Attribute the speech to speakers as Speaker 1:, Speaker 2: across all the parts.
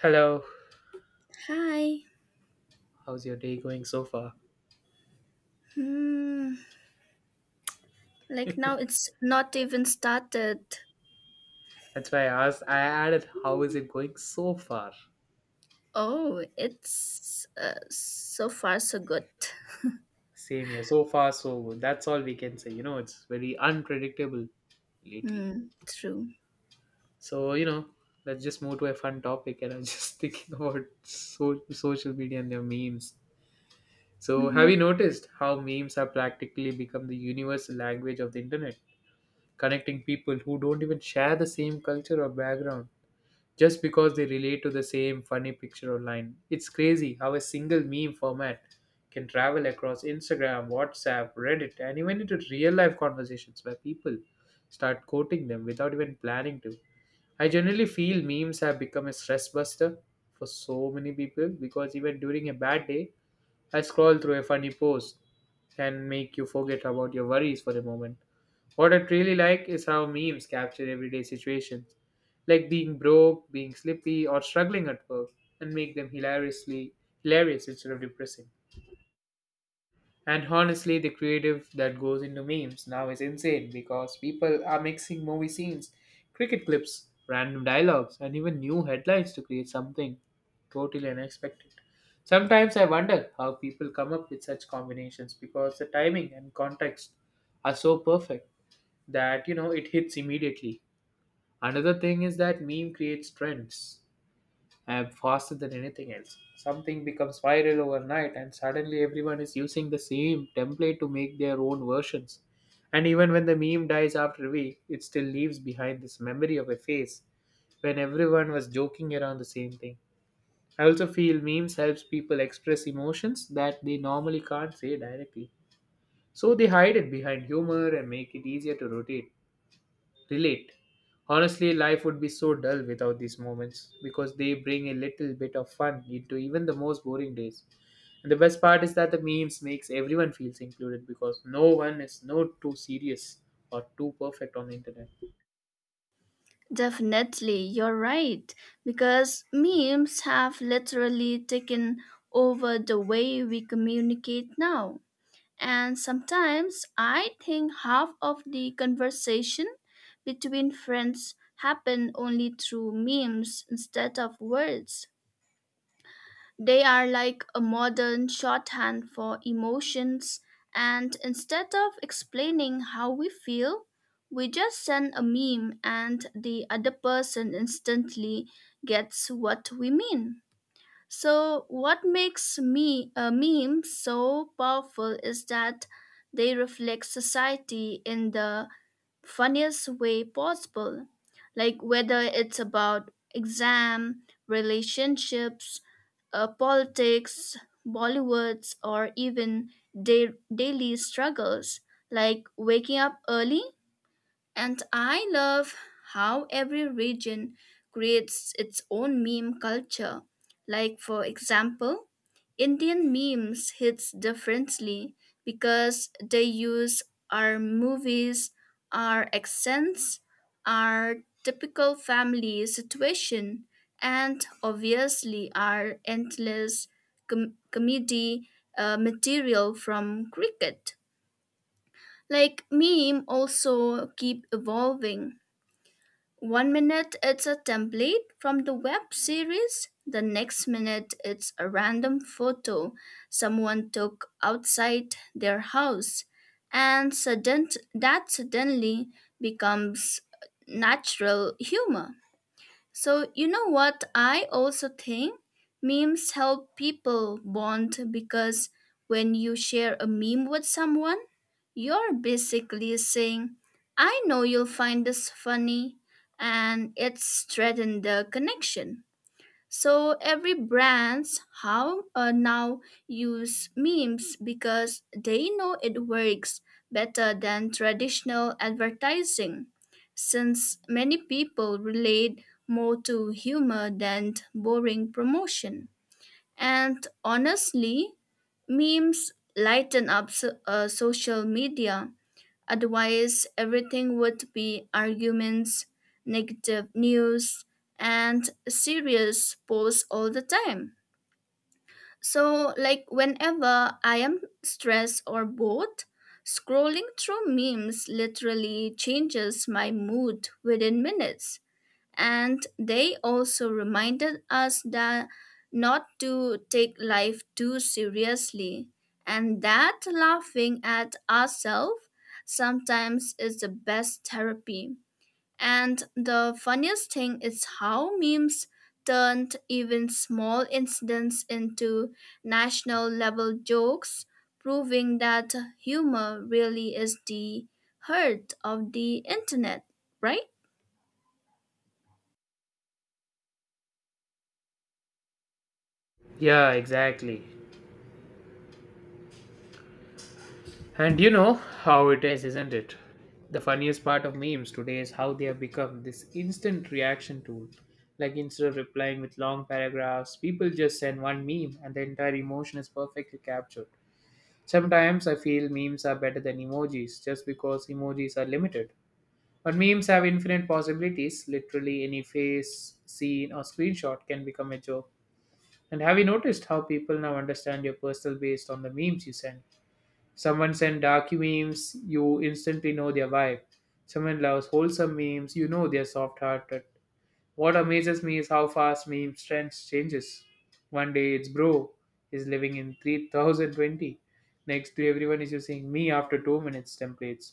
Speaker 1: Hello,
Speaker 2: Hi.
Speaker 1: how's your day going so far?
Speaker 2: Hmm. Like now it's not even started.
Speaker 1: That's why I asked. I added, how is it going so far?
Speaker 2: Oh, it's so far so good.
Speaker 1: Same here, so far, so good. That's all we can say. You know, it's very unpredictable lately.
Speaker 2: Hmm. True.
Speaker 1: So, you know, let's just move to a fun topic. And I'm just thinking about social media and their memes. So, have
Speaker 2: Hmm.
Speaker 1: you noticed how memes have practically become the universal language of the internet, connecting people who don't even share the same culture or background? Just because they relate to the same funny picture online. It's crazy how a single meme format can travel across Instagram, WhatsApp, Reddit, and even into real life conversations where people start quoting them without even planning to. I generally feel memes have become a stress buster for so many people because even during a bad day, I scroll through a funny post can make you forget about your worries for a moment. What I really like is how memes capture everyday situations, like being broke, being sleepy, or struggling at work, and make them hilarious instead of depressing. And honestly, the creative that goes into memes now is insane because people are mixing movie scenes, cricket clips, random dialogues, and even new headlines to create something totally unexpected. Sometimes I wonder how people come up with such combinations because the timing and context are so perfect that you know it hits immediately. Another thing is that meme creates trends app faster than anything else. Something becomes viral overnight, and suddenly everyone is using the same template to make their own versions. And even when the meme dies after a week, it still leaves behind this memory of a face when everyone was joking around the same thing. I also feel memes helps people express emotions that they normally can't say directly. So they hide it behind humor and make it easier to rotate. Relate. Honestly, life would be so dull without these moments because they bring a little bit of fun into even the most boring days. And the best part is that the memes makes everyone feels included because no one is no too serious or too perfect on the internet.
Speaker 2: Definitely, you're right. Because memes have literally taken over the way we communicate now. And sometimes I think half of the conversation between friends happen only through memes instead of words. They are like a modern shorthand for emotions, and instead of explaining how we feel, we just send a meme and the other person instantly gets what we mean. So, what makes me a meme so powerful is that they reflect society in the funniest way possible. Like whether it's about exam, relationships, politics, Bollywoods, or even day daily struggles like waking up early, and I love how every region creates its own meme culture. Like for example, Indian memes hits differently because they use our movies, our accents, our typical family situation, and obviously our endless comedy material from cricket. Like meme also keep evolving. One minute it's a template from the web series, the next minute it's a random photo someone took outside their house, and sudden that suddenly becomes natural humor. So, you know what? I also think memes help people bond because when you share a meme with someone, you're basically saying, I know you'll find this funny, and it's strengthened the connection. So every brands how now use memes because they know it works better than traditional advertising, since many people relate more to humor than boring promotion. And honestly, memes lighten up social media. Otherwise, everything would be arguments, negative news, and serious posts all the time. So, like, whenever I am stressed or bored, scrolling through memes literally changes my mood within minutes, and they also reminded us that not to take life too seriously and that laughing at ourselves sometimes is the best therapy. And the funniest thing is how memes turned even small incidents into national level jokes, proving that humor really is the heart of the internet, right?
Speaker 1: Yeah, exactly. And you know how it is, isn't it? The funniest part of memes today is how they have become this instant reaction tool. Like instead of replying with long paragraphs, people just send one meme and the entire emotion is perfectly captured. Sometimes I feel memes are better than emojis just because emojis are limited. But memes have infinite possibilities. Literally, any face, scene, or screenshot can become a joke. And have you noticed how people now understand your personal based on the memes you send? Someone send dark memes, you instantly know their vibe. Someone loves wholesome memes, you know they're soft hearted. What amazes me is how fast meme trends changes. One day it's bro is living in 3020. Next day everyone is using me after 2 minutes templates.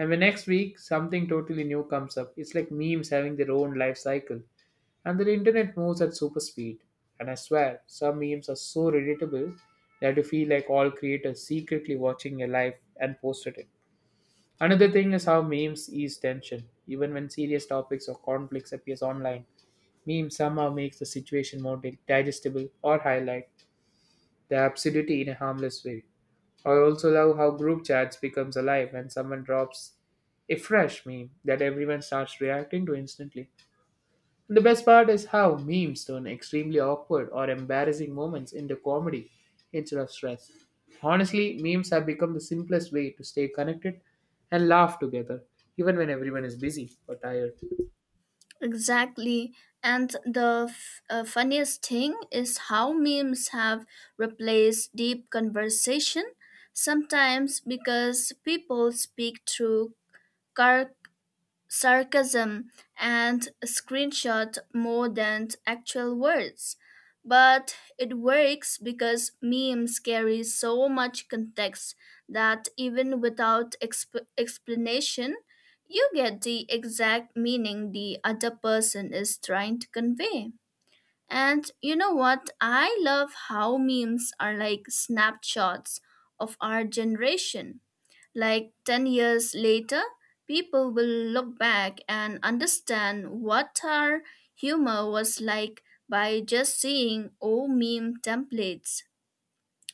Speaker 1: And the next week something totally new comes up. It's like memes having their own life cycle. And the internet moves at super speed. And I swear, some memes are so relatable that you feel like all creators secretly watching your life and posted it. Another thing is how memes ease tension. Even when serious topics or conflicts appears online, meme somehow makes the situation more digestible or highlight the absurdity in a harmless way. I also love how group chats becomes alive when someone drops a fresh meme that everyone starts reacting to instantly. And the best part is how memes turn extremely awkward or embarrassing moments into comedy instead of stress. Honestly, memes have become the simplest way to stay connected and laugh together, even when everyone is busy or tired.
Speaker 2: Exactly. And the funniest thing is how memes have replaced deep conversation, sometimes because people speak through sarcasm and screenshot more than actual words. But it works because memes carry so much context that even without explanation, you get the exact meaning the other person is trying to convey. And you know what? I love how memes are like snapshots of our generation. Like 10 years later, people will look back and understand what our humor was like by just seeing old meme templates,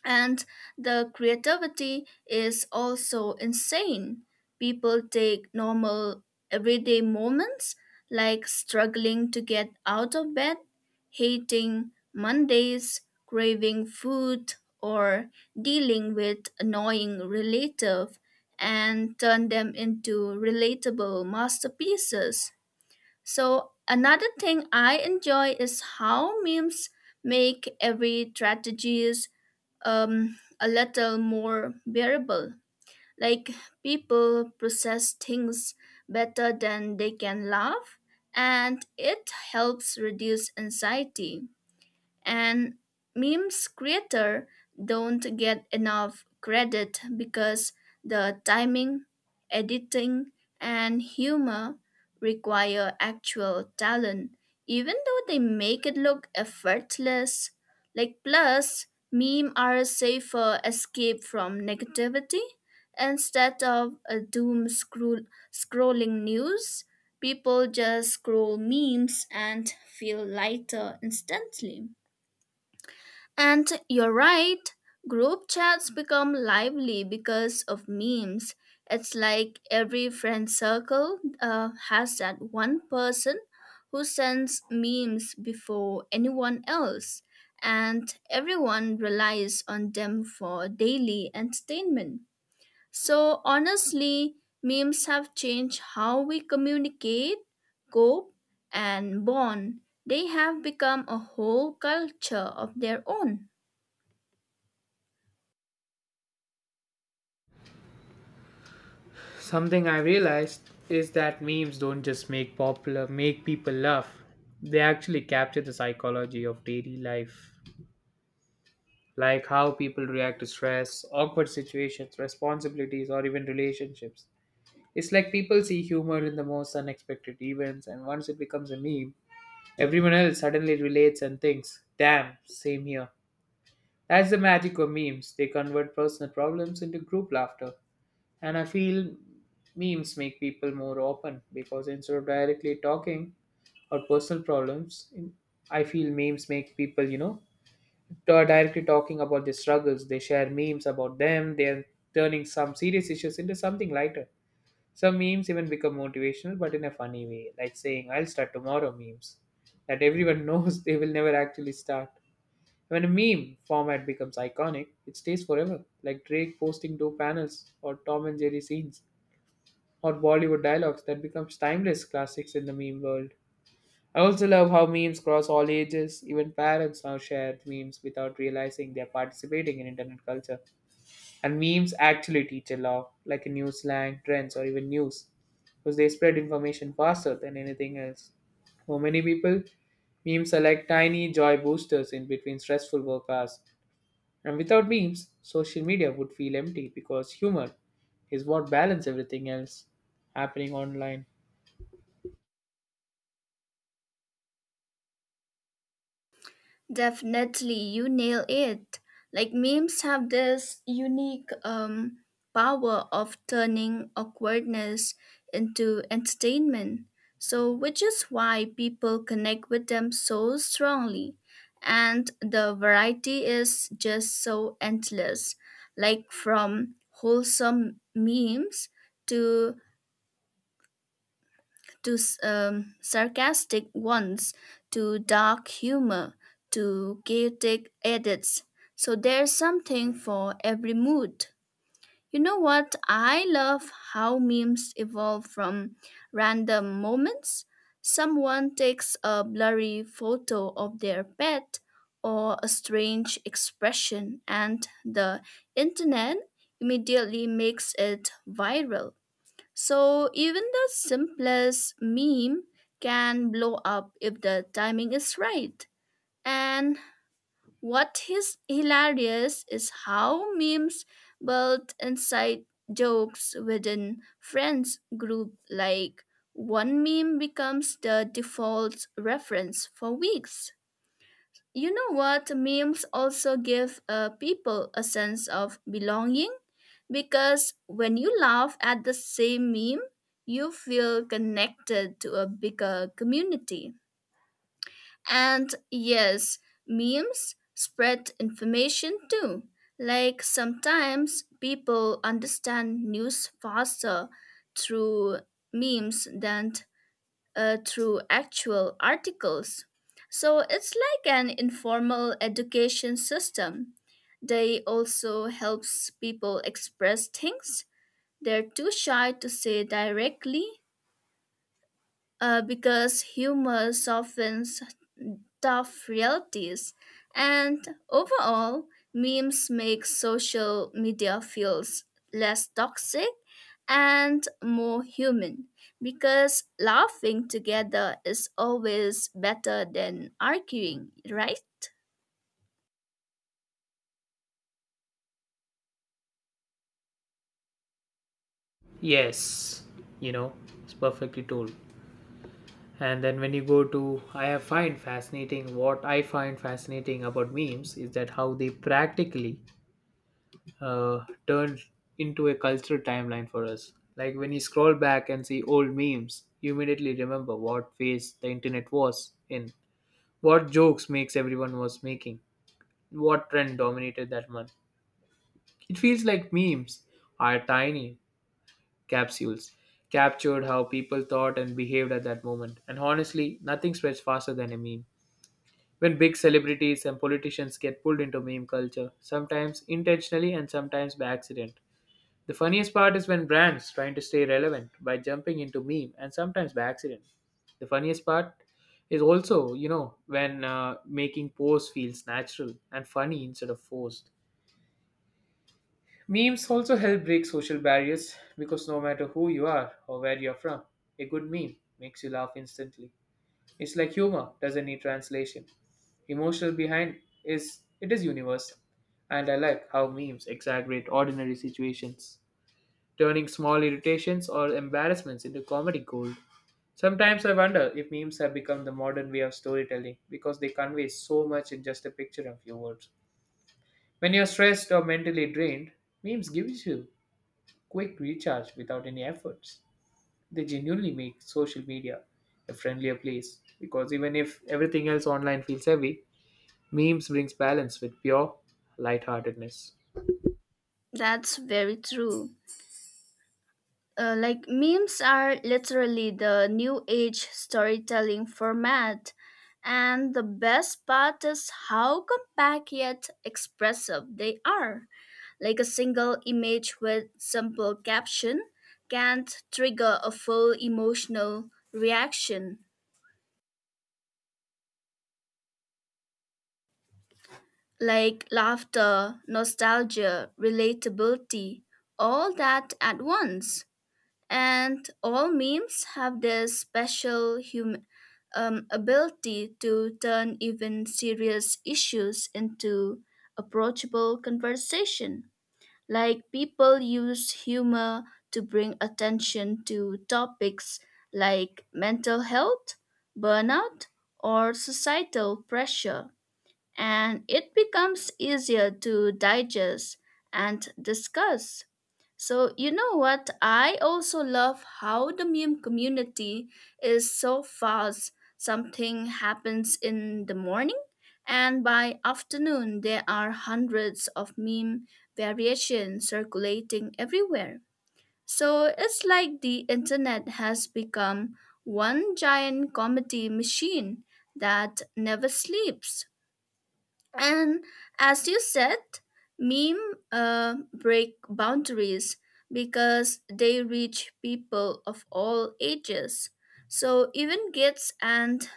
Speaker 2: and the creativity is also insane. People take normal everyday moments like struggling to get out of bed, hating Mondays, craving food, or dealing with annoying relative and turn them into relatable masterpieces. So another thing I enjoy is how memes make every strategies a little more bearable. Like people process things better than they can laugh, and it helps reduce anxiety. And memes creator don't get enough credit because the timing, editing, and humor require actual talent, even though they make it look effortless. Like, plus, meme are a safer escape from negativity. Instead of a doom scrolling news, people just scroll memes and feel lighter instantly. And you're right, group chats become lively because of memes. It's like every friend circle has that one person who sends memes before anyone else, and everyone relies on them for daily entertainment. So, honestly, memes have changed how we communicate, cope, and bond. They have become a whole culture of their own.
Speaker 1: Something I realized is that memes don't just make popular make people laugh. They actually capture the psychology of daily life, like how people react to stress, awkward situations, responsibilities, or even relationships. It's like people see humor in the most unexpected events, and once it becomes a meme, everyone else suddenly relates and thinks, "Damn, same here." That's the magic of memes. They convert personal problems into group laughter. And I feel memes make people more open because instead of directly talking or personal problems, I feel memes make people, you know, directly talking about their struggles. They share memes about them. They're turning some serious issues into something lighter. Some memes even become motivational, but in a funny way, like saying, I'll start tomorrow memes that everyone knows they will never actually start. When a meme format becomes iconic, it stays forever, like Drake posting two panels or Tom and Jerry scenes or Bollywood dialogues that becomes timeless classics in the meme world. I also love how memes cross all ages. Even parents now share memes without realizing they're participating in internet culture. And memes actually teach a lot, like a new slang, trends, or even news, because they spread information faster than anything else. For many people, memes are like tiny joy boosters in between stressful work hours. And without memes, social media would feel empty because humor is what balance everything else happening online.
Speaker 2: Definitely, you nail it. Like memes have this unique power of turning awkwardness into entertainment. So, which is why people connect with them so strongly. And the variety is just so endless. Like from wholesome memes, to to sarcastic ones, to dark humor, to chaotic edits. So there's something for every mood. You know what? I love how memes evolve from random moments. Someone takes a blurry photo of their pet or a strange expression, and the internet immediately makes it viral. So even the simplest meme can blow up if the timing is right. And what is hilarious is how memes build inside jokes within friends group, like one meme becomes the default reference for weeks. You know what? Memes also give people a sense of belonging because when you laugh at the same meme, you feel connected to a bigger community. And yes, memes spread information too. Like sometimes people understand news faster through memes than through actual articles. So it's like an informal education system. They also helps people express things they're too shy to say directly, because humor softens tough realities. And overall, memes make social media feels less toxic and more human, because laughing together is always better than arguing, right?
Speaker 1: Yes, you know, it's perfectly told. And then when you go to, I have find fascinating. What I find fascinating about memes is that how they practically uh, turned into a cultural timeline for us. Like when you scroll back and see old memes, you immediately remember what phase the internet was in, what jokes makes everyone was making, what trend dominated that month. It feels like memes are tiny capsules captured how people thought and behaved at that moment. And honestly, nothing spreads faster than a meme. When big celebrities and politicians get pulled into meme culture, sometimes intentionally and sometimes by accident. The funniest part is when brands trying to stay relevant by jumping into meme and sometimes by accident. The funniest part is also, you know, when making pose feels natural and funny instead of forced. Memes also help break social barriers because no matter who you are or where you're from, a good meme makes you laugh instantly. It's like humor doesn't need translation. Emotional behind is it is universal. And I like how memes exaggerate ordinary situations, turning small irritations or embarrassments into comedy gold. Sometimes I wonder if memes have become the modern way of storytelling because they convey so much in just a picture and few words. When you're stressed or mentally drained, memes gives you quick recharge without any efforts. They genuinely make social media a friendlier place because even if everything else online feels heavy, memes brings balance with pure lightheartedness.
Speaker 2: That's very true. Like memes are literally the new age storytelling format, and the best part is how compact yet expressive they are. Like a single image with simple caption can trigger a full emotional reaction, like laughter, nostalgia, relatability, all that at once. And all memes have this special ability to turn even serious issues into approachable conversation. Like people use humor to bring attention to topics like mental health, burnout, or societal pressure, and it becomes easier to digest and discuss. So, you know what? I also love how the meme community is so fast. Something happens in the morning, and by afternoon, there are hundreds of meme variations circulating everywhere. So, it's like the internet has become one giant comedy machine that never sleeps. And as you said, meme break boundaries because they reach people of all ages. So even kids and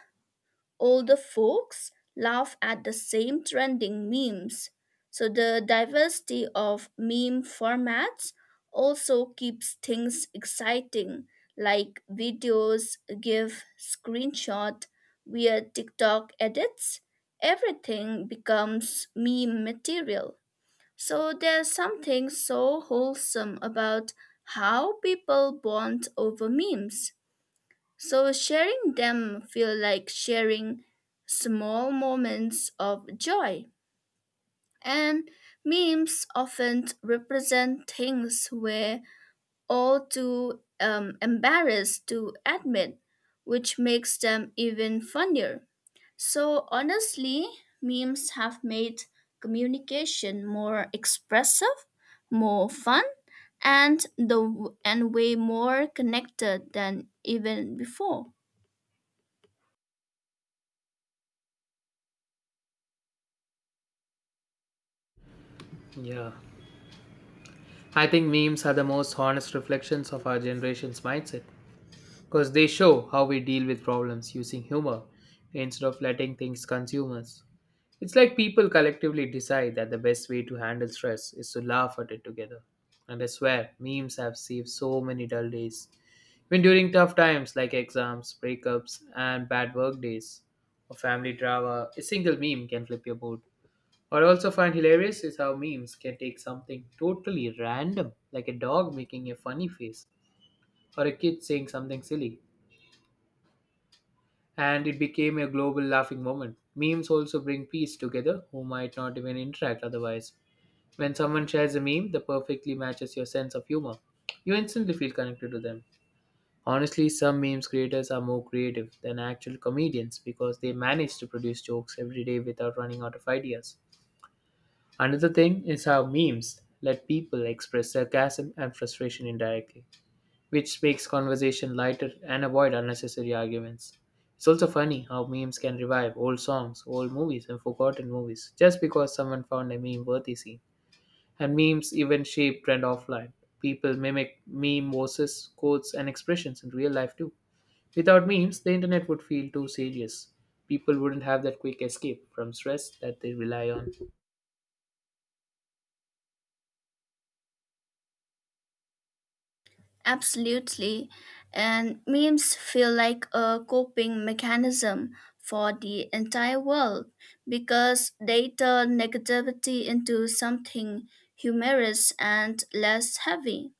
Speaker 2: older folks laugh at the same trending memes. So the diversity of meme formats also keeps things exciting, like videos, GIF, screenshot, weird TikTok edits. Everything becomes meme material. So there's something so wholesome about how people bond over memes. So sharing them feel like sharing small moments of joy. And memes often represent things we're all too embarrassed to admit, which makes them even funnier. So honestly, memes have made communication more expressive, more fun, and the and way more connected than even before.
Speaker 1: Yeah. I think memes are the most honest reflections of our generation's mindset because they show how we deal with problems using humor instead of letting things consume us. It's like people collectively decide that the best way to handle stress is to laugh at it together. And I swear, memes have saved so many dull days when during tough times like exams, breakups, and bad work days, or family drama, a single meme can flip your mood. What I also find hilarious is how memes can take something totally random, like a dog making a funny face or a kid saying something silly, and it became a global laughing moment. Memes also bring peace together who might not even interact otherwise. When someone shares a meme that perfectly matches your sense of humor, you instantly feel connected to them. Honestly, some memes creators are more creative than actual comedians because they manage to produce jokes every day without running out of ideas. Another thing is how memes let people express sarcasm and frustration indirectly, which makes conversation lighter and avoid unnecessary arguments. It's also funny how memes can revive old songs, old movies, and forgotten movies just because someone found a meme worthy scene. And memes even shape trend offline. People mimic meme voices, quotes, and expressions in real life too. Without memes, the internet would feel too serious. People wouldn't have that quick escape from stress that they rely on.
Speaker 2: Absolutely. And memes feel like a coping mechanism for the entire world because they turn negativity into something humorous and less heavy.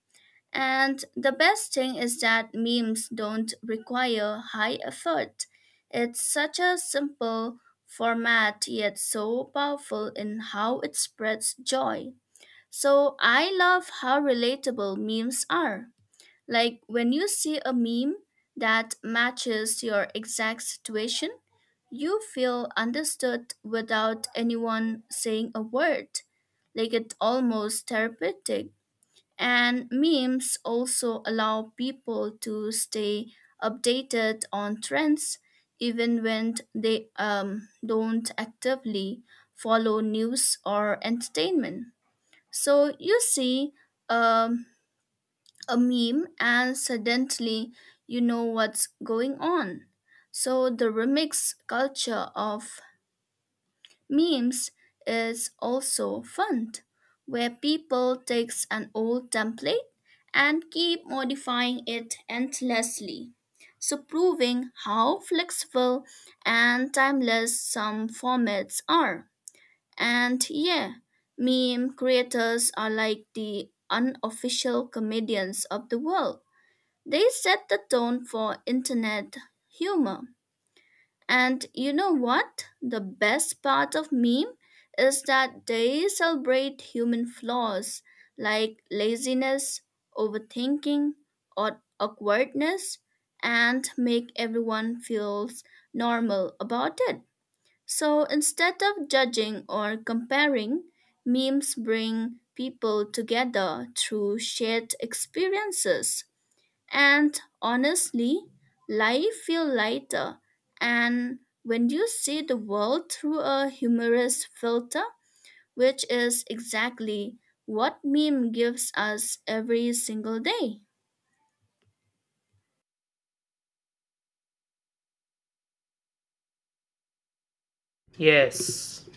Speaker 2: And the best thing is that memes don't require high effort. It's such a simple format, yet so powerful in how it spreads joy. So I love how relatable memes are. Like when you see a meme that matches your exact situation, you feel understood without anyone saying a word. Like it's almost therapeutic. And memes also allow people to stay updated on trends, even when they don't actively follow news or entertainment. So you see, um, a meme, and suddenly you know what's going on. So the remix culture of memes is also fun, where people takes an old template and keep modifying it endlessly. So proving how flexible and timeless some formats are. And yeah, meme creators are like the unofficial comedians of the world. They set the tone for internet humor. And you know what? The best part of meme is that they celebrate human flaws like laziness, overthinking, or awkwardness, and make everyone feels normal about it. So instead of judging or comparing, memes bring people together through shared experiences. And honestly, life feels lighter. And when you see the world through a humorous filter, which is exactly what meme gives us every single day.
Speaker 1: Yes.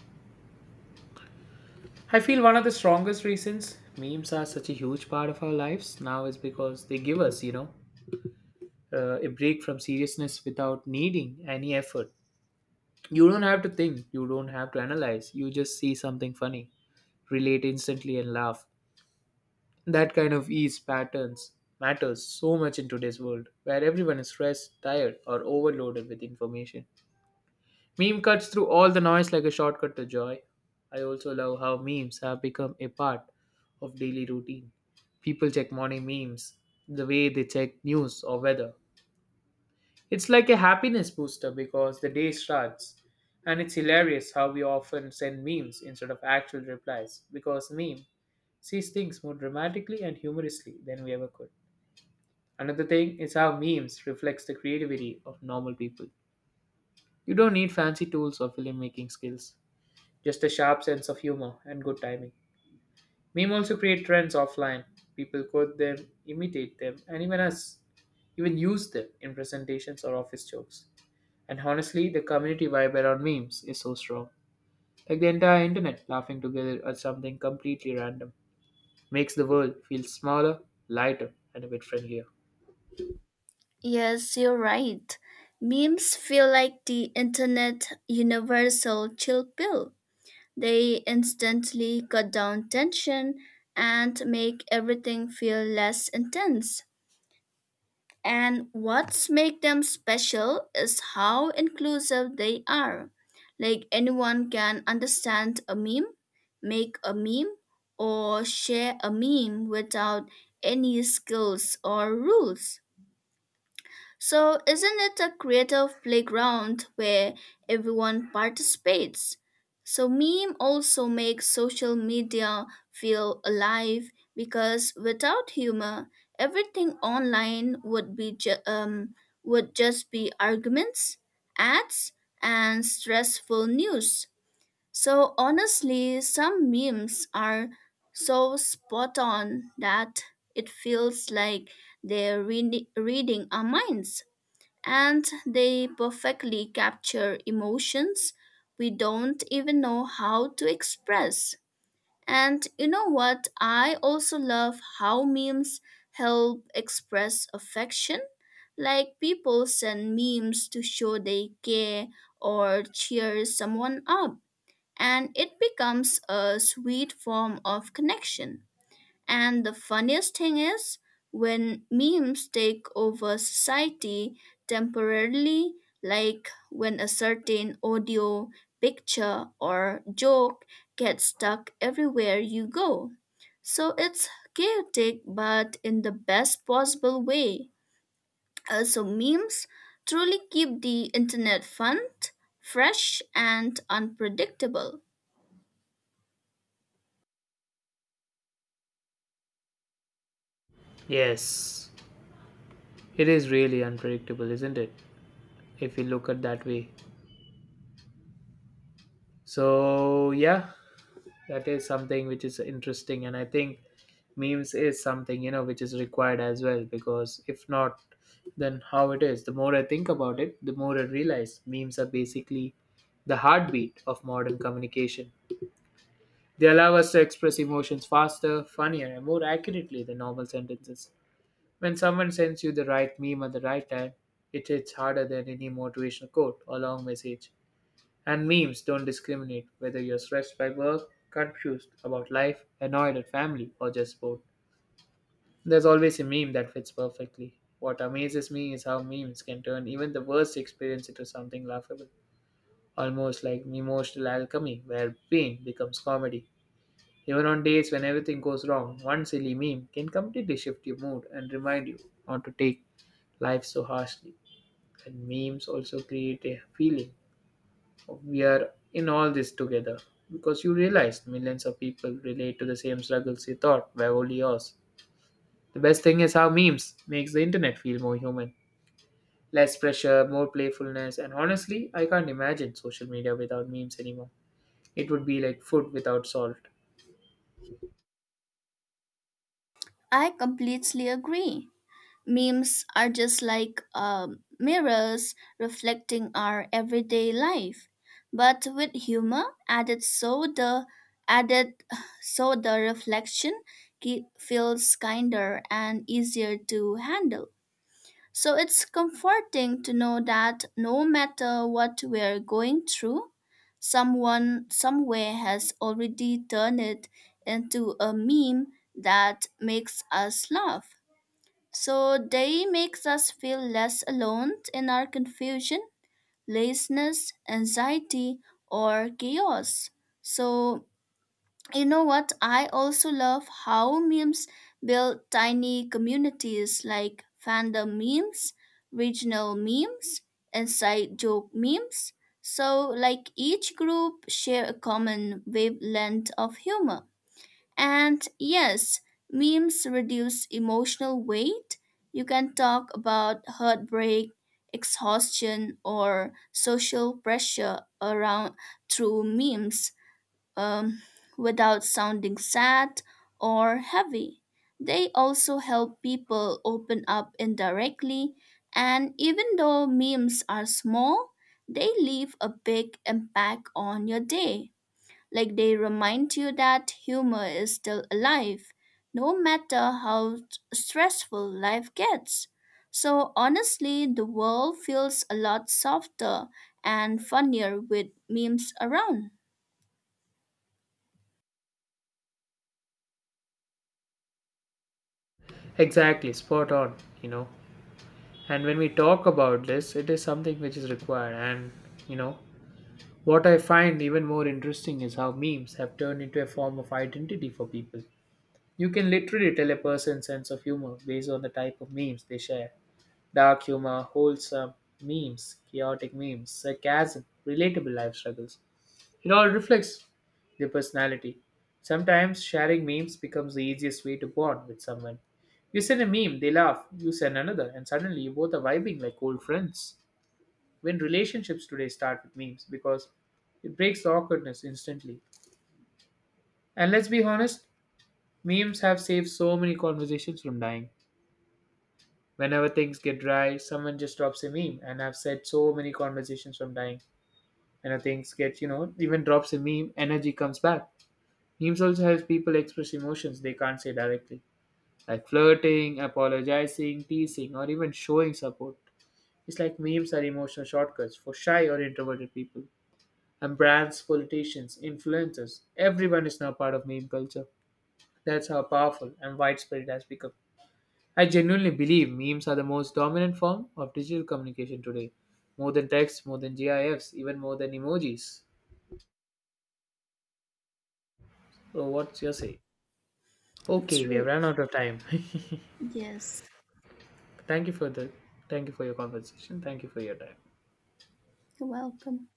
Speaker 1: I feel one of the strongest reasons memes are such a huge part of our lives now is because they give us, you know, a break from seriousness without needing any effort. You don't have to think, you don't have to analyze, you just see something funny, relate instantly, and laugh. That kind of ease patterns matters so much in today's world where everyone is stressed, tired, or overloaded with information. Meme cuts through all the noise like a shortcut to joy. I also love how memes have become a part of daily routine. People check morning memes the way they check news or weather. It's like a happiness booster because the day starts. And it's hilarious how we often send memes instead of actual replies because meme sees things more dramatically and humorously than we ever could. Another thing is how memes reflects the creativity of normal people. You don't need fancy tools or filmmaking skills. Just a sharp sense of humor and good timing. Meme also create trends offline. People quote them, imitate them, and even use them in presentations or office jokes. And honestly, the community vibe around memes is so strong. Like the entire internet laughing together at something completely random makes the world feel smaller, lighter, and a bit friendlier.
Speaker 2: Yes, you're right. Memes feel like the internet universal chill pill. They instantly cut down tension and make everything feel less intense. And what's make them special is how inclusive they are. Like anyone can understand a meme, make a meme, or share a meme without any skills or rules. So, isn't it a creative playground where everyone participates? So, meme also makes social media feel alive, because without humor, everything online would be would just be arguments, ads, and stressful news. So, honestly, some memes are so spot on that it feels like they're reading our minds, and they perfectly capture emotions we don't even know how to express. And you know what? I also love how memes help express affection. Like people send memes to show they care or cheer someone up, and it becomes a sweet form of connection. And the funniest thing is, when memes take over society temporarily, like when a certain audio, picture, or joke gets stuck everywhere you go. So it's chaotic, but in the best possible way. Also, memes truly keep the internet fun, fresh, and unpredictable.
Speaker 1: Yes, it is really unpredictable, isn't it? If you look at that way. So, yeah, that is something which is interesting, and I think memes is something, you know, which is required as well, because if not, then how it is? The more I think about it, the more I realize memes are basically the heartbeat of modern communication. They allow us to express emotions faster, funnier, and more accurately than normal sentences. When someone sends you the right meme at the right time, it hits harder than any motivational quote or long message. And memes don't discriminate whether you're stressed by work, confused about life, annoyed at family, or just bored. There's always a meme that fits perfectly. What amazes me is how memes can turn even the worst experience into something laughable, almost like emotional alchemy where pain becomes comedy. Even on days when everything goes wrong, one silly meme can completely shift your mood and remind you not to take life so harshly. And memes also create a feeling we are in all this together, because you realized millions of people relate to the same struggles you thought were only yours. The best thing is how memes makes the internet feel more human. Less pressure, more playfulness, and honestly, I can't imagine social media without memes anymore. It would be like food without salt.
Speaker 2: I completely agree. Memes are just like mirrors reflecting our everyday life, but with humor added, added, so the reflection feels kinder and easier to handle. So it's comforting to know that no matter what we're going through, someone somewhere has already turned it into a meme that makes us laugh. So they makes us feel less alone in our confusion, laziness, anxiety, or chaos. So you know what? I also love how memes build tiny communities like fandom memes, regional memes, inside joke memes. So like each group share a common wavelength of humor. And yes, memes reduce emotional weight. You can talk about heartbreak, exhaustion, or social pressure around through memes, um, without sounding sad or heavy. They also help people open up indirectly, and even though memes are small, they leave a big impact on your day. Like they remind you that humor is still alive, no matter how stressful life gets. So honestly, the world feels a lot softer and funnier with memes around.
Speaker 1: Exactly, spot on, you know. And when we talk about this, it is something which is required. And, you know, what I find even more interesting is how memes have turned into a form of identity for people. You can literally tell a person's sense of humor based on the type of memes they share. Dark humor, wholesome memes, chaotic memes, sarcasm, relatable life struggles. It all reflects their personality. Sometimes sharing memes becomes the easiest way to bond with someone. You send a meme, they laugh, you send another, and suddenly you both are vibing like old friends. When relationships today start with memes because it breaks the awkwardness instantly. And let's be honest, memes have saved so many conversations from dying. Whenever things get dry, someone just drops a meme, and I've said so many conversations from dying. Whenever things get, you know, even drops a meme, energy comes back. Memes also helps people express emotions they can't say directly, like flirting, apologizing, teasing, or even showing support. It's like memes are emotional shortcuts for shy or introverted people. And brands, politicians, influencers, everyone is now part of meme culture. That's how powerful and widespread it has become. I genuinely believe memes are the most dominant form of digital communication today. More than text, more than GIFs, even more than emojis. So what's your say? Okay, we have
Speaker 2: True.
Speaker 1: run out of time.
Speaker 2: Yes.
Speaker 1: thank you for the Thank you for your conversation. Thank you for your time.
Speaker 2: You're welcome.